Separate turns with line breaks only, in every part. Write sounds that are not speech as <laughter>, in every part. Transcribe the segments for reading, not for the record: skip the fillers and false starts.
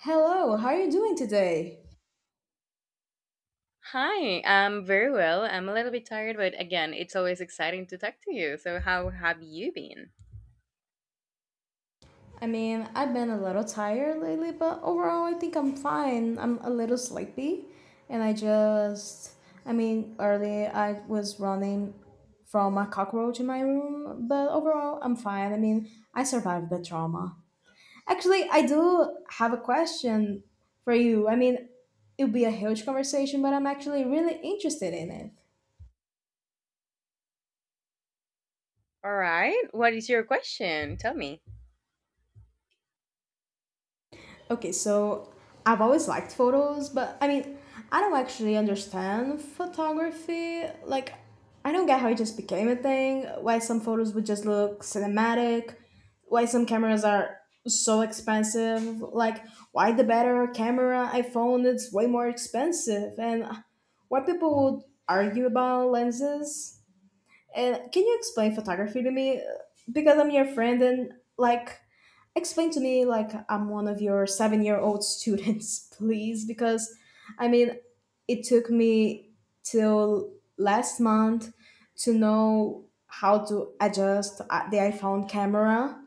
Hello, how are you doing today?
Hi, I'm very well. I'm a little bit tired, but again, it's always exciting to talk to you. So, how have you been?
I mean, I've been a little tired lately, but overall, I think I'm fine. I'm a little sleepy, and I just, I mean, early I was running from a cockroach in my room, but overall, I'm fine. I mean, I survived the trauma. Actually, I do have a question for you. I mean, it would be a huge conversation, but I'm actually really interested in it.
All right. What is your question? Tell me.
Okay, so I've always liked photos, but I mean, I don't actually understand photography. Like, I don't get how it just became a thing, why some photos would just look cinematic, why some cameras are so expensive, like, why the better camera iPhone is way more expensive, and why people would argue about lenses. And can you explain photography to me? Because I'm your friend and like explain to me like I'm one of your 7-year-old students, <laughs> please, because I mean, it took me till last month to know how to adjust the iPhone camera.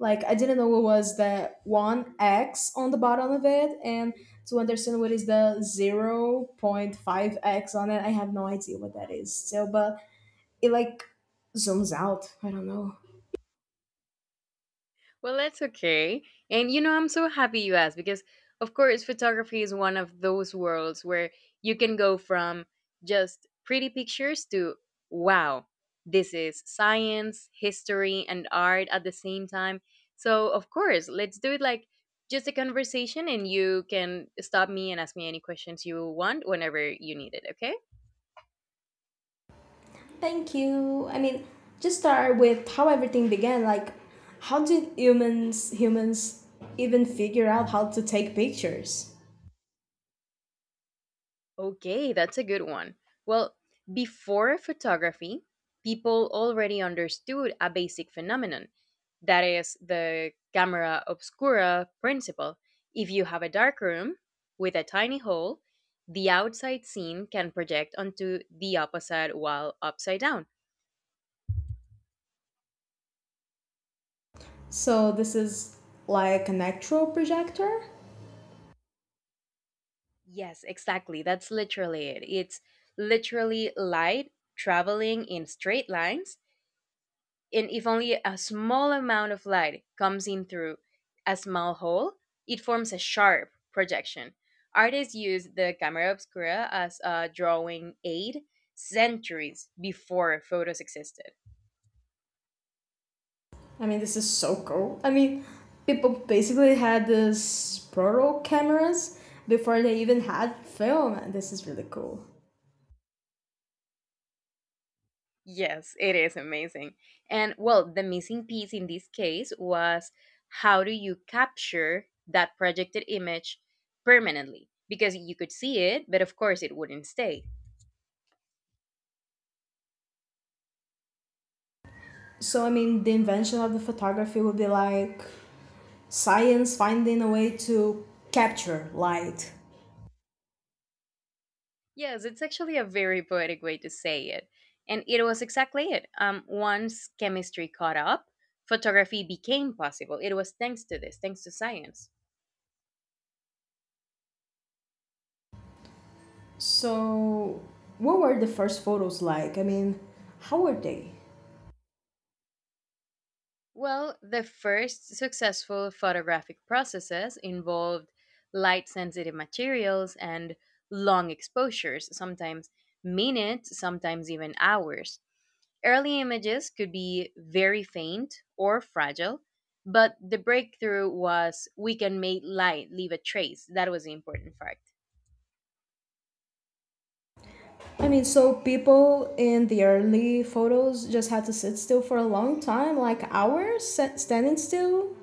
Like I didn't know it was the 1x on the bottom of it, and to understand what is the 0.5x on it, I have no idea what that is. So, but it like zooms out. I don't know.
Well, that's okay. And you know, I'm so happy you asked because, of course, photography is one of those worlds where you can go from just pretty pictures to wow, this is science, history, and art at the same time. So, of course, let's do it like just a conversation, and you can stop me and ask me any questions you want whenever you need it, okay?
Thank you. I mean, just start with how everything began. Like, how did humans even figure out how to take pictures?
Okay, that's a good one. Well, before photography, people already understood a basic phenomenon, that is, the camera obscura principle. If you have a dark room with a tiny hole, the outside scene can project onto the opposite wall upside down.
So this is like an actual projector.
Yes, exactly. That's literally it. It's literally light traveling in straight lines, and if only a small amount of light comes in through a small hole, it forms a sharp projection. Artists used the camera obscura as a drawing aid centuries before photos existed.
I mean, this is so cool. I mean, people basically had these proto cameras before they even had film. And This is really cool.
Yes, it is amazing. And well, the missing piece in this case was, how do you capture that projected image permanently? Because you could see it, but of course it wouldn't stay.
So, I mean, the invention of the photography would be like science finding a way to capture light.
Yes, it's actually a very poetic way to say it. And it was exactly it. Once chemistry caught up, photography became possible. It was thanks to this, thanks to science.
So, what were the first photos like? I mean, how were they?
Well, the first successful photographic processes involved light sensitive materials and long exposures, sometimes minutes, sometimes even hours. Early images could be very faint or fragile, but the breakthrough was, we can make light leave a trace. That was the important fact.
I mean, so people in the early photos just had to sit still for a long time, like standing still.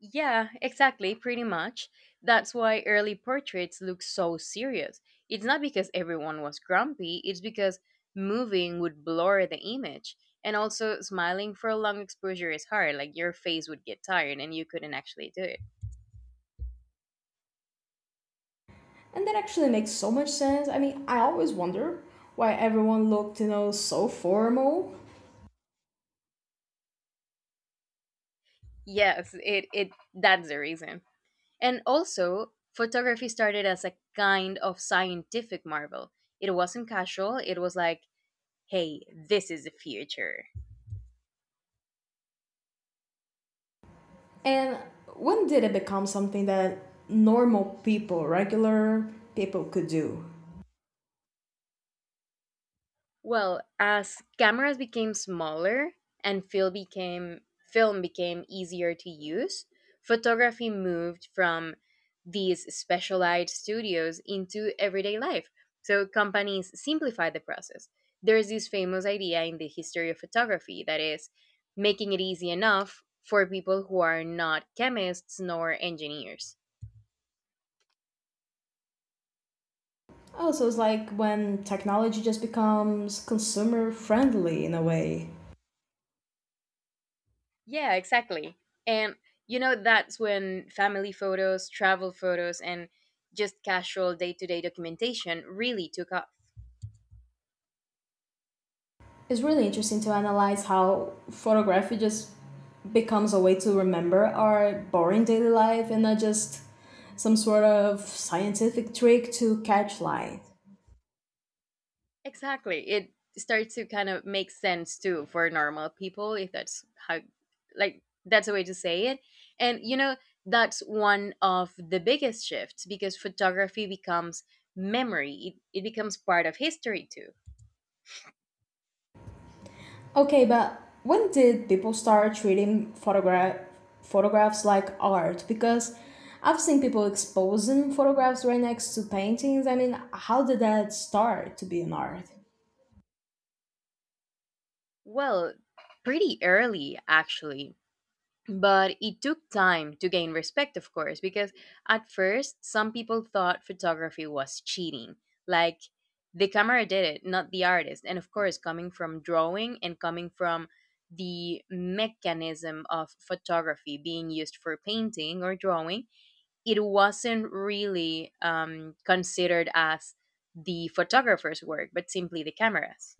Yeah, exactly, pretty much. That's why early portraits look so serious. It's not because everyone was grumpy, it's because moving would blur the image. And also, smiling for a long exposure is hard, like your face would get tired and you couldn't actually do it.
And that actually makes so much sense. I mean, I always wonder why everyone looked, you know, so formal.
Yes, it that's the reason. And also, photography started as a kind of scientific marvel. It wasn't casual, it was like, hey, this is the future.
And when did it become something that normal people, regular people could do?
Well, as cameras became smaller and film became easier to use, photography moved from these specialized studios into everyday life. So companies simplify the process. There's this famous idea in the history of photography that is making it easy enough for people who are not chemists nor engineers.
Oh, so it's like when technology just becomes consumer friendly in a way.
Yeah, exactly. And you know, that's when family photos, travel photos, and just casual day to day documentation really took off.
It's really interesting to analyze how photography just becomes a way to remember our boring daily life and not just some sort of scientific trick to catch light.
Exactly. It starts to kind of make sense too for normal people, if that's how, like, that's a way to say it. And you know, that's one of the biggest shifts because photography becomes memory, it becomes part of history too.
Okay, but when did people start treating photographs like art? Because I've seen people exposing photographs right next to paintings. I mean, how did that start to be an art?
Well, pretty early, actually, but it took time to gain respect, of course, because at first some people thought photography was cheating, like the camera did it, not the artist. And of course, coming from drawing and coming from the mechanism of photography being used for painting or drawing, it wasn't really considered as the photographer's work, but simply the cameras.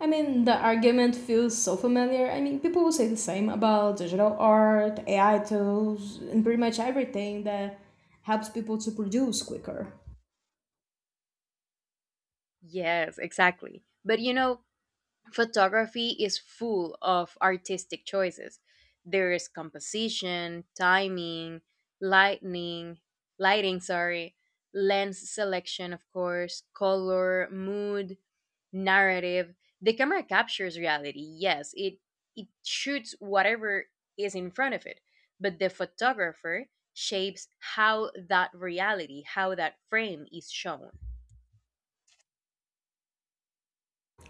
I mean, the argument feels so familiar. I mean, people will say the same about digital art, AI tools, and pretty much everything that helps people to produce quicker.
Yes, exactly, but you know, photography is full of artistic choices. There is composition, timing, lightning, lighting, lens selection, of course, color, mood, narrative. The camera captures reality. Yes, it shoots whatever is in front of it, but the photographer shapes how that frame is shown.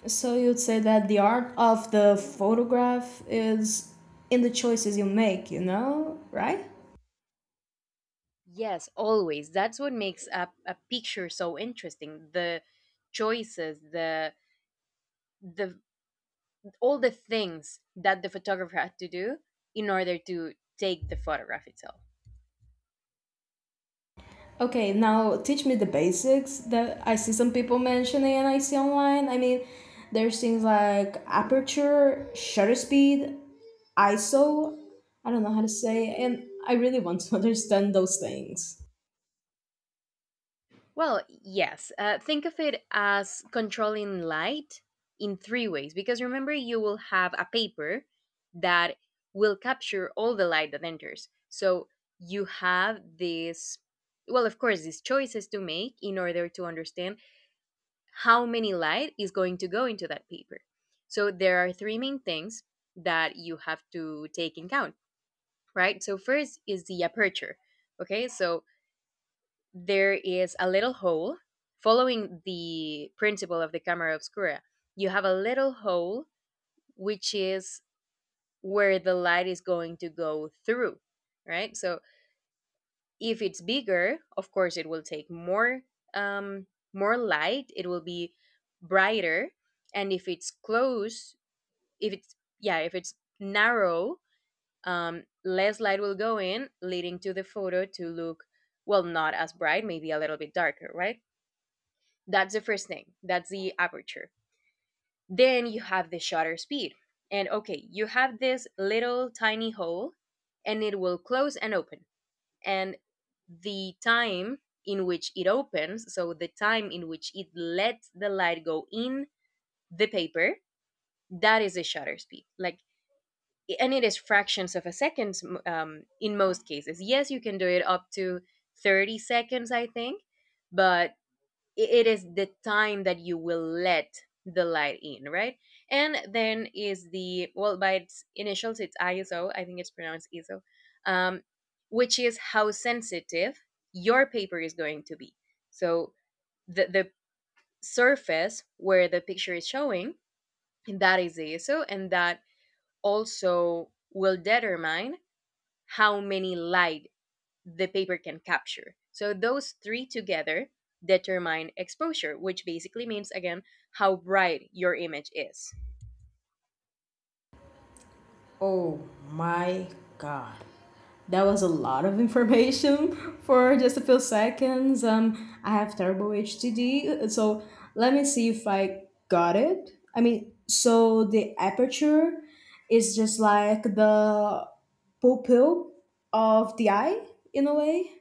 So you'd say that the art of the photograph is in the choices you make, you know, right?
Yes, always. That's what makes a picture so interesting. The choices, the all the things that the photographer had to do in order to take the photograph itself.
Okay, now teach me the basics that I see some people mentioning and I see online. I mean, there's things like aperture, shutter speed, ISO. I don't know how to say, and I really want to <laughs> understand those things.
Well, yes. Think of it as controlling light in three ways, because remember you will have a paper that will capture all the light that enters. So you have this well, of course, these choices to make in order to understand how many light is going to go into that paper. So there are three main things that you have to take in account, right? So first is the aperture. Okay, so there is a little hole following the principle of the camera obscura. You have a little hole, which is where the light is going to go through, right? So if it's bigger, of course, it will take um, more light, it will be brighter, and if it's close if it's yeah if it's narrow, less light will go in, leading to the photo to look, well, not as bright, maybe a little bit darker, right? That's the first thing, that's the aperture. Then you have the shutter speed. And okay, you have this little tiny hole, and it will close and open, and the time in which it opens, so the time in which it lets the light go in the paper, that is the shutter speed. Like, and it is fractions of a second in most cases. Yes, you can do it up to 30 seconds, I think, but it is the time that you will let the light in, right? And then is the, well, by its initials, it's ISO, I think it's pronounced ISO, um, which is how sensitive your paper is going to be. So the surface where the picture is showing, that is the ISO, and that also will determine how many light the paper can capture. So those three together determine exposure, which basically means again how bright your image is.
Oh my god. That was a lot of information <laughs> for just a few seconds. I have terrible HDD, so let me see if I got it. I mean, so the aperture is just like the pupil of the eye in a way,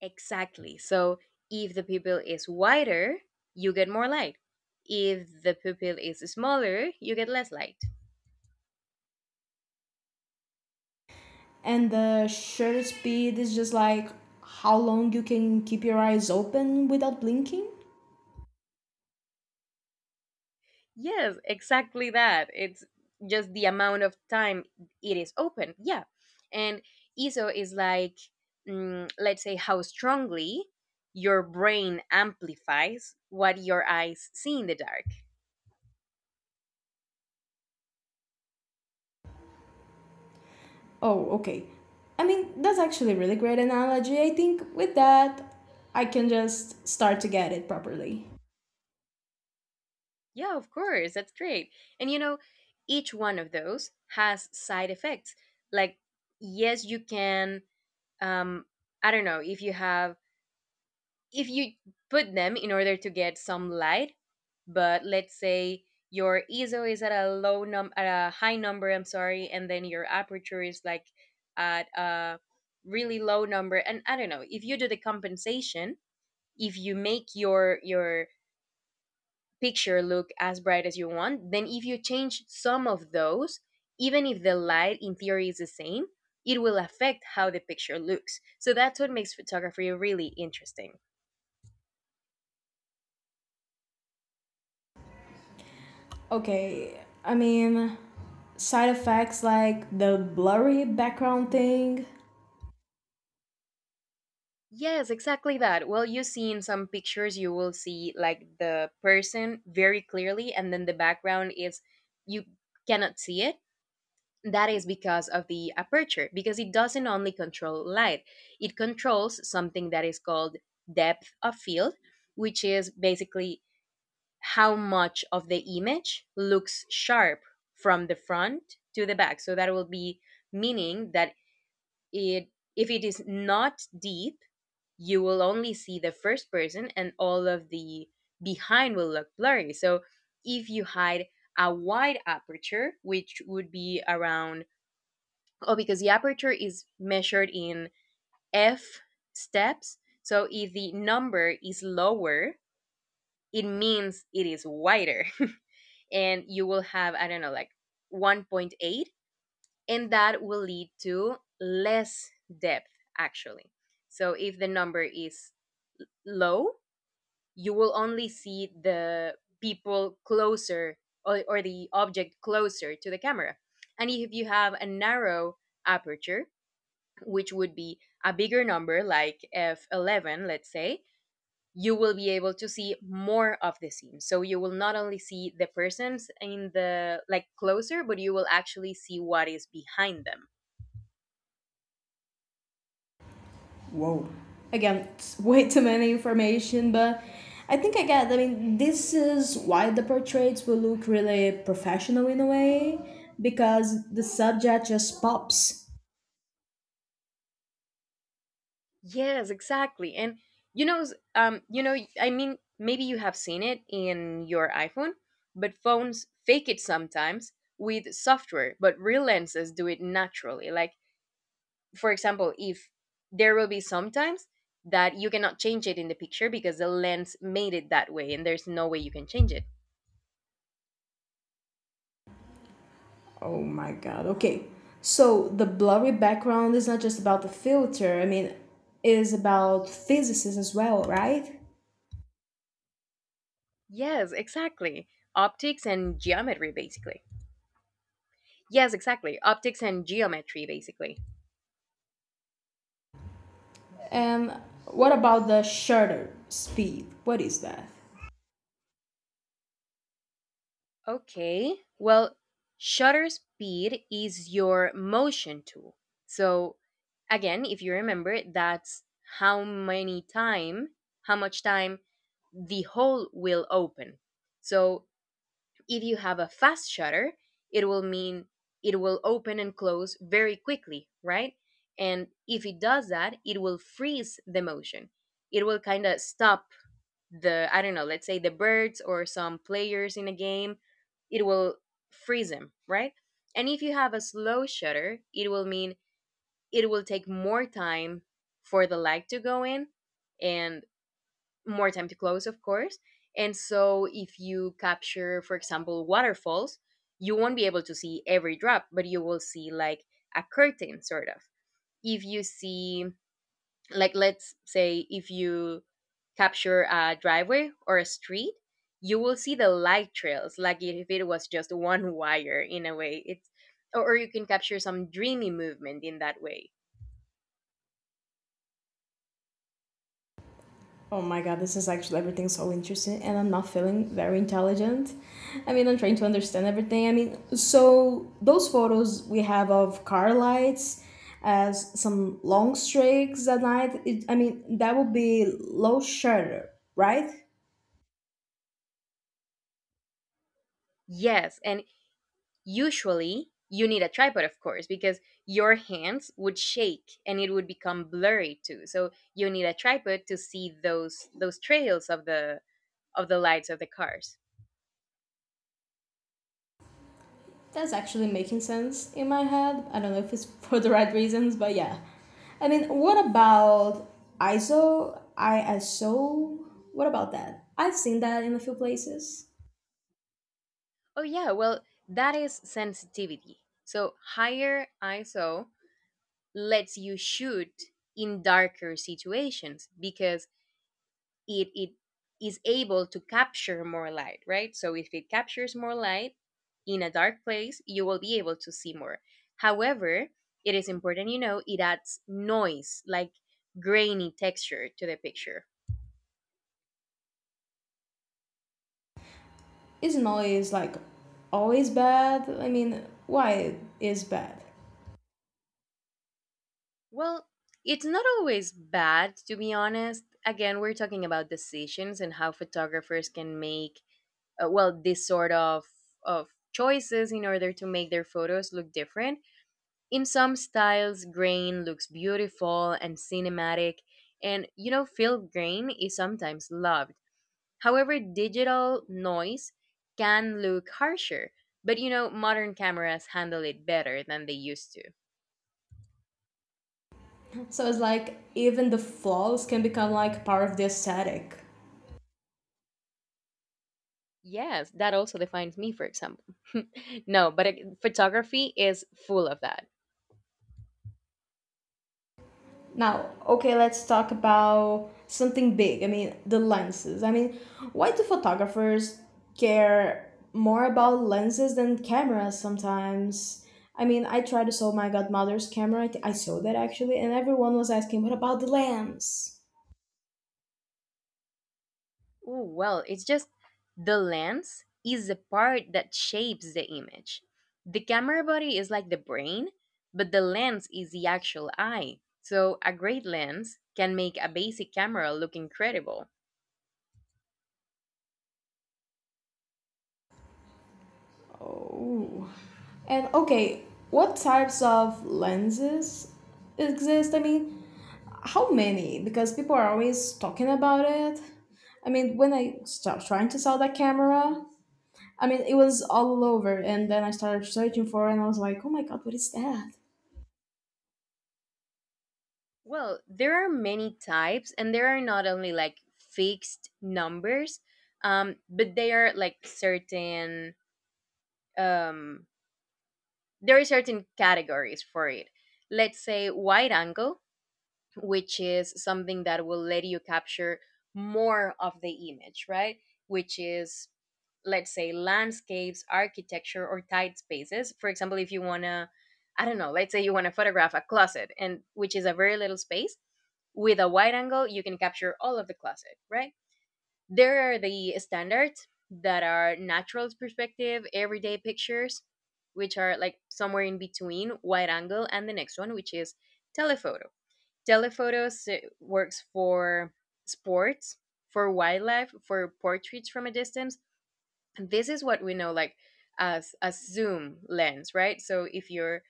Exactly. So if the pupil is wider, you get more light. If the pupil is smaller, you get less light.
and the shutter speed is just like how long you can keep your eyes open without blinking.
Yes, exactly that. It's just the amount of time it is open. Yeah. And ISO is like, let's say, how strongly your brain amplifies what your eyes see in the dark.
Oh, okay. I mean, that's actually a really great analogy. I think with that, I can just start to get it properly.
Yeah, of course. That's great. And you know, each one of those has side effects. Like, yes, you can, um, I don't know, if you put them in order to get some light, but let's say your ISO is at a high number, I'm sorry, and then your aperture is like at a really low number. And I don't know, if you do the compensation, if you make your picture look as bright as you want, then if you change some of those, even if the light in theory is the same, it will affect how the picture looks. So that's what makes photography really interesting.
Okay, I mean, side effects like the blurry background thing.
Yes, exactly that. Well, you see in some pictures, you will see like the person very clearly, and then the background is you cannot see it. That is because of the aperture, because it doesn't only control light, it controls something that is called depth of field, which is basically how much of the image looks sharp from the front to the back. So that will be meaning that it if it is not deep, you will only see the first person, and all of the behind will look blurry. So if you hide a wide aperture, which would be around, oh, because the aperture is measured in F steps. So if the number is lower, it means it is wider. <laughs> And you will have, I don't know, like 1.8. And that will lead to less depth, actually. So if the number is low, you will only see the people closer, or the object closer to the camera. And if you have a narrow aperture, which would be a bigger number like f/11, let's say, you will be able to see more of the scene. So you will not only see the persons in the like closer, but you will actually see what is behind them.
Whoa. Again, it's way too many information, but I think I get. I mean, this is why the portraits will look really professional in a way because the subject just pops.
Yes, exactly. And you know, I mean, maybe you have seen it in your iPhone, but phones fake it sometimes with software, but real lenses do it naturally. Like, for example, if there will be sometimes that you cannot change it in the picture because the lens made it that way and there's no way you can change it.
Oh my God. Okay. So the blurry background is not just about the filter. I mean, it is about physicists as well, right?
Yes, exactly. Optics and geometry, basically. Yes, exactly. Optics and geometry, basically.
And what about the shutter speed? What is that?
Okay. Well, shutter speed is your motion tool. So again, if you remember, that's how many time, how much time the hole will open. So if you have a fast shutter, it will mean it will open and close very quickly, right? And if it does that, it will freeze the motion. It will kind of stop the I don't know, let's say, the birds or some players in a game. It will freeze them, right? And if you have a slow shutter, it will mean it will take more time for the light to go in, and more time to close, of course. And so if you capture, for example, waterfalls, you won't be able to see every drop, but you will see, like, a curtain, sort of. If you see, like, let's say, if you capture a driveway or a street, you will see the light trails, like if it was just one wire, in a way. Or you can capture some dreamy movement in that way.
Oh my God, this is actually everything so interesting, and I'm not feeling very intelligent. I mean, I'm trying to understand everything. I mean, so those photos we have of car lights as some long streaks at night. It, I mean, that would be low shutter, right?
Yes, and usually you need a tripod, of course, because your hands would shake and it would become blurry too. So you need a tripod to see those trails of the lights of the cars.
That's actually making sense in my head. I don't know if it's <laughs> for the right reasons, but yeah. I mean, what about ISO? What about that? I've seen that in a few places.
Oh yeah, well, that is sensitivity. So higher ISO lets you shoot in darker situations because it is able to capture more light, right? So if it captures more light in a dark place, you will be able to see more. However, it is important. It adds noise, like grainy texture to the picture.
Isn't always like always bad? I mean, why it is bad?
Well, it's not always bad, to be honest. Again, we're talking about decisions and how photographers can make well, this sort of choices in order to make their photos look different. In some styles, grain looks beautiful and cinematic, and field grain is sometimes loved. However, digital noise can look harsher, but modern cameras handle it better than they used to.
So it's like even the flaws can become like part of the aesthetic.
Yes, that also defines me, for example. <laughs> No, but photography is full of that.
Now, okay, let's talk about something big. I mean, the lenses. I mean, why do photographers care more about lenses than cameras sometimes? I mean, I tried to sell my godmother's camera. I sold that actually, and everyone was asking, what about the lens?
Ooh, well, it's just the lens is the part that shapes the image. The camera body is like the brain, but the lens is the actual eye. So a great lens can make a basic camera look incredible.
Ooh. And okay, what types of lenses exist? I mean, how many? Because people are always talking about it. I mean, when I start trying to sell that camera, I mean, it was all over, and then I started searching for it, and I was like, oh my god, what is that?
Well, there are many types, and there are not only like fixed numbers, but they are like certain. Um, there are certain categories for it. Let's say wide angle, which is something that will let you capture more of the image, right? Which is, let's say, landscapes, architecture, or tight spaces. For example, if you want to, I don't know, let's say you want to photograph a closet, and which is a very little space. With a wide angle, you can capture all of the closet, right? There are the standards that are natural's perspective, everyday pictures, which are like somewhere in between wide angle and the next one, which is telephoto. Telephotos works for sports, for wildlife, for portraits from a distance. And this is what we know, like, as a zoom lens, right? So if you're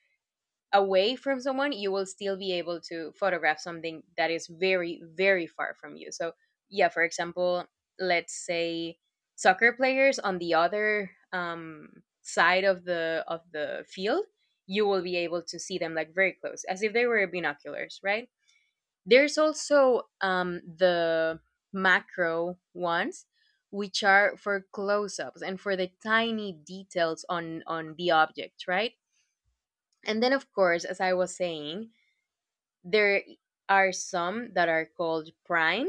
away from someone, you will still be able to photograph something that is very, very far from you. So, yeah, for example, let's say soccer players on the other side of the field. You will be able to see them like very close, as if they were binoculars, right? There's also the macro ones, which are for close-ups and for the tiny details on the object, right? And then, of course, as I was saying, there are some that are called prime,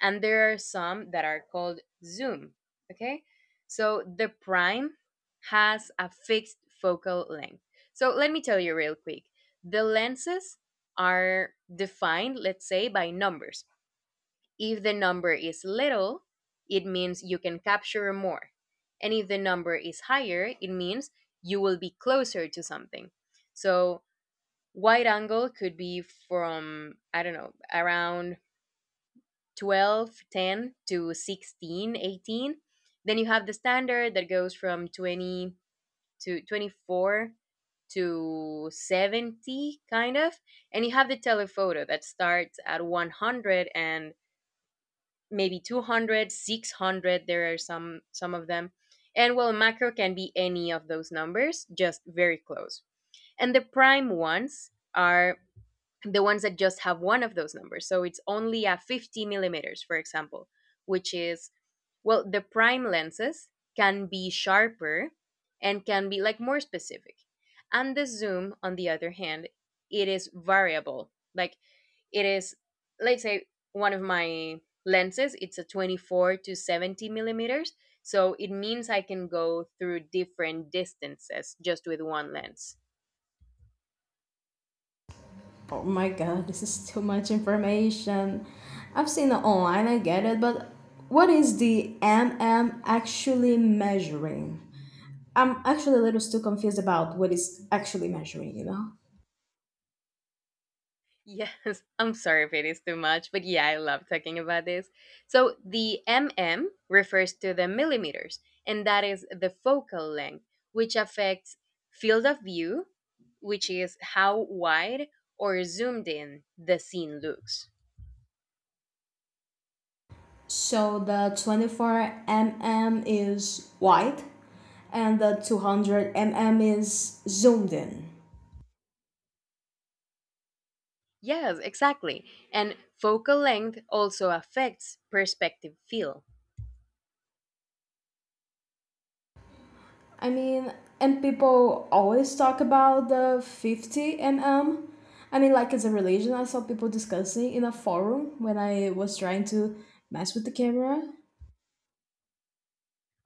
and there are some that are called zoom. Okay, so the prime has a fixed focal length. So let me tell you real quick. The lenses are defined, let's say, by numbers. If the number is little, it means you can capture more. And if the number is higher, it means you will be closer to something. So, wide angle could be from, I don't know, around 12, 10 to 16, 18. Then you have the standard that goes from 20 to 24 to 70, kind of. And you have the telephoto that starts at 100 and maybe 200, 600. There are some of them. And well, macro can be any of those numbers, just very close. And the prime ones are the ones that just have one of those numbers, so it's only a 50 millimeters, for example, which is, well, the prime lenses can be sharper and can be like more specific. And the zoom, on the other hand, it is variable. Like, it is, let's say, one of my lenses, it's a 24 to 70 millimeters. So it means I can go through different distances just with one lens.
Oh my god, this is too much information. I've seen it online, I get it, but what is the MM actually measuring? I'm actually a little still confused about what is actually measuring, you know?
Yes. <laughs> I'm sorry if it is too much, but yeah, I love talking about this. So the MM refers to the millimeters, and that is the focal length, which affects field of view, which is how wide or zoomed in the scene looks.
So the 24 mm is wide, and the 200 mm is zoomed in.
Yes, exactly. And focal length also affects perspective feel.
I mean, and people always talk about the 50 mm. I mean, like it's a religion. I saw people discussing in a forum when I was trying to mess with the camera.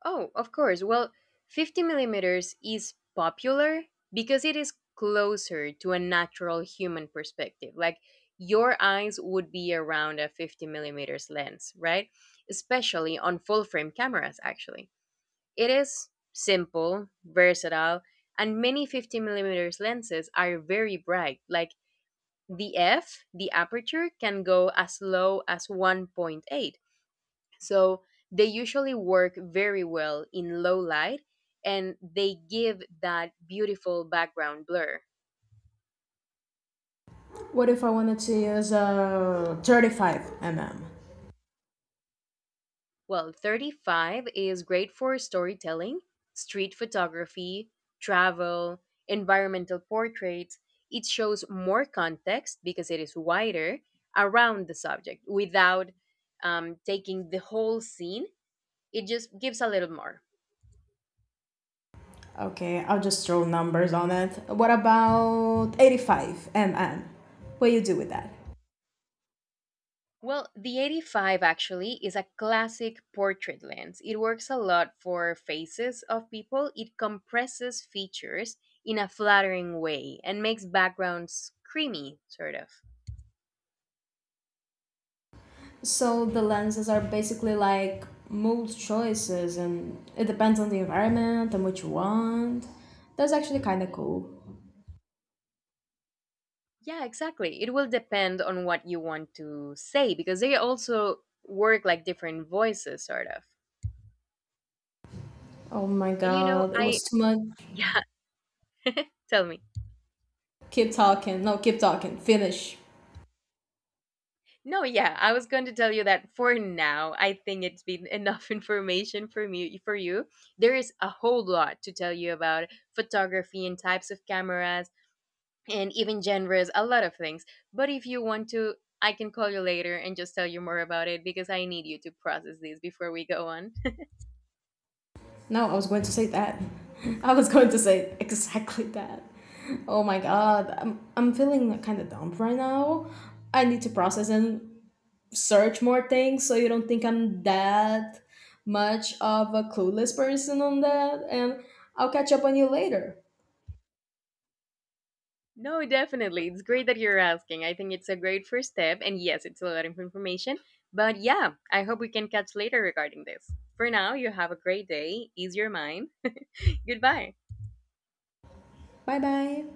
Oh, of course. Well, 50 millimeters is popular because it is closer to a natural human perspective. Like, your eyes would be around a 50 millimeters lens, right? Especially on full frame cameras, actually. It is simple, versatile, and many 50 millimeters lenses are very bright. Like, the f, the aperture, can go as low as 1.8. So they usually work very well in low light, and they give that beautiful background blur.
What if I wanted to use a 35 mm?
Well, 35 is great for storytelling, street photography, travel, environmental portraits. It shows more context because it is wider around the subject without taking the whole scene. It just gives a little more.
Okay, I'll just throw numbers on it. What about 85 mm? What do you do with that?
Well, the 85 actually is a classic portrait lens. It works a lot for faces of people. It compresses features in a flattering way and makes backgrounds creamy, sort of.
So the lenses are basically like mood choices, and it depends on the environment and what you want. That's actually kind of cool.
Yeah, exactly. It will depend on what you want to say because they also work like different voices, sort of.
Oh my
And,
god, it
I,
was too much.
<laughs> yeah, tell me.
Keep talking. No, keep talking. Finish.
No, yeah, I was going to tell you that for now, I think it's been enough <laughs> information for me for you. There is a whole lot to tell you about photography and types of cameras and even genres, a lot of things. But if you want to, I can call you later and just tell you more about it because I need you to process this before we go on. <laughs>
No, I was going to say that. <laughs> I was going to say exactly that. Oh my god, I'm feeling kind of dumb right now. I need to process and search more things so you don't think I'm that much of a clueless person on that. And I'll catch up on you later.
No, definitely. It's great that you're asking. I think it's a great first step, and yes, it's a lot of information. But yeah, I hope we can catch later regarding this. For now, you have a great day. Ease your mind. <laughs> Goodbye.
Bye bye.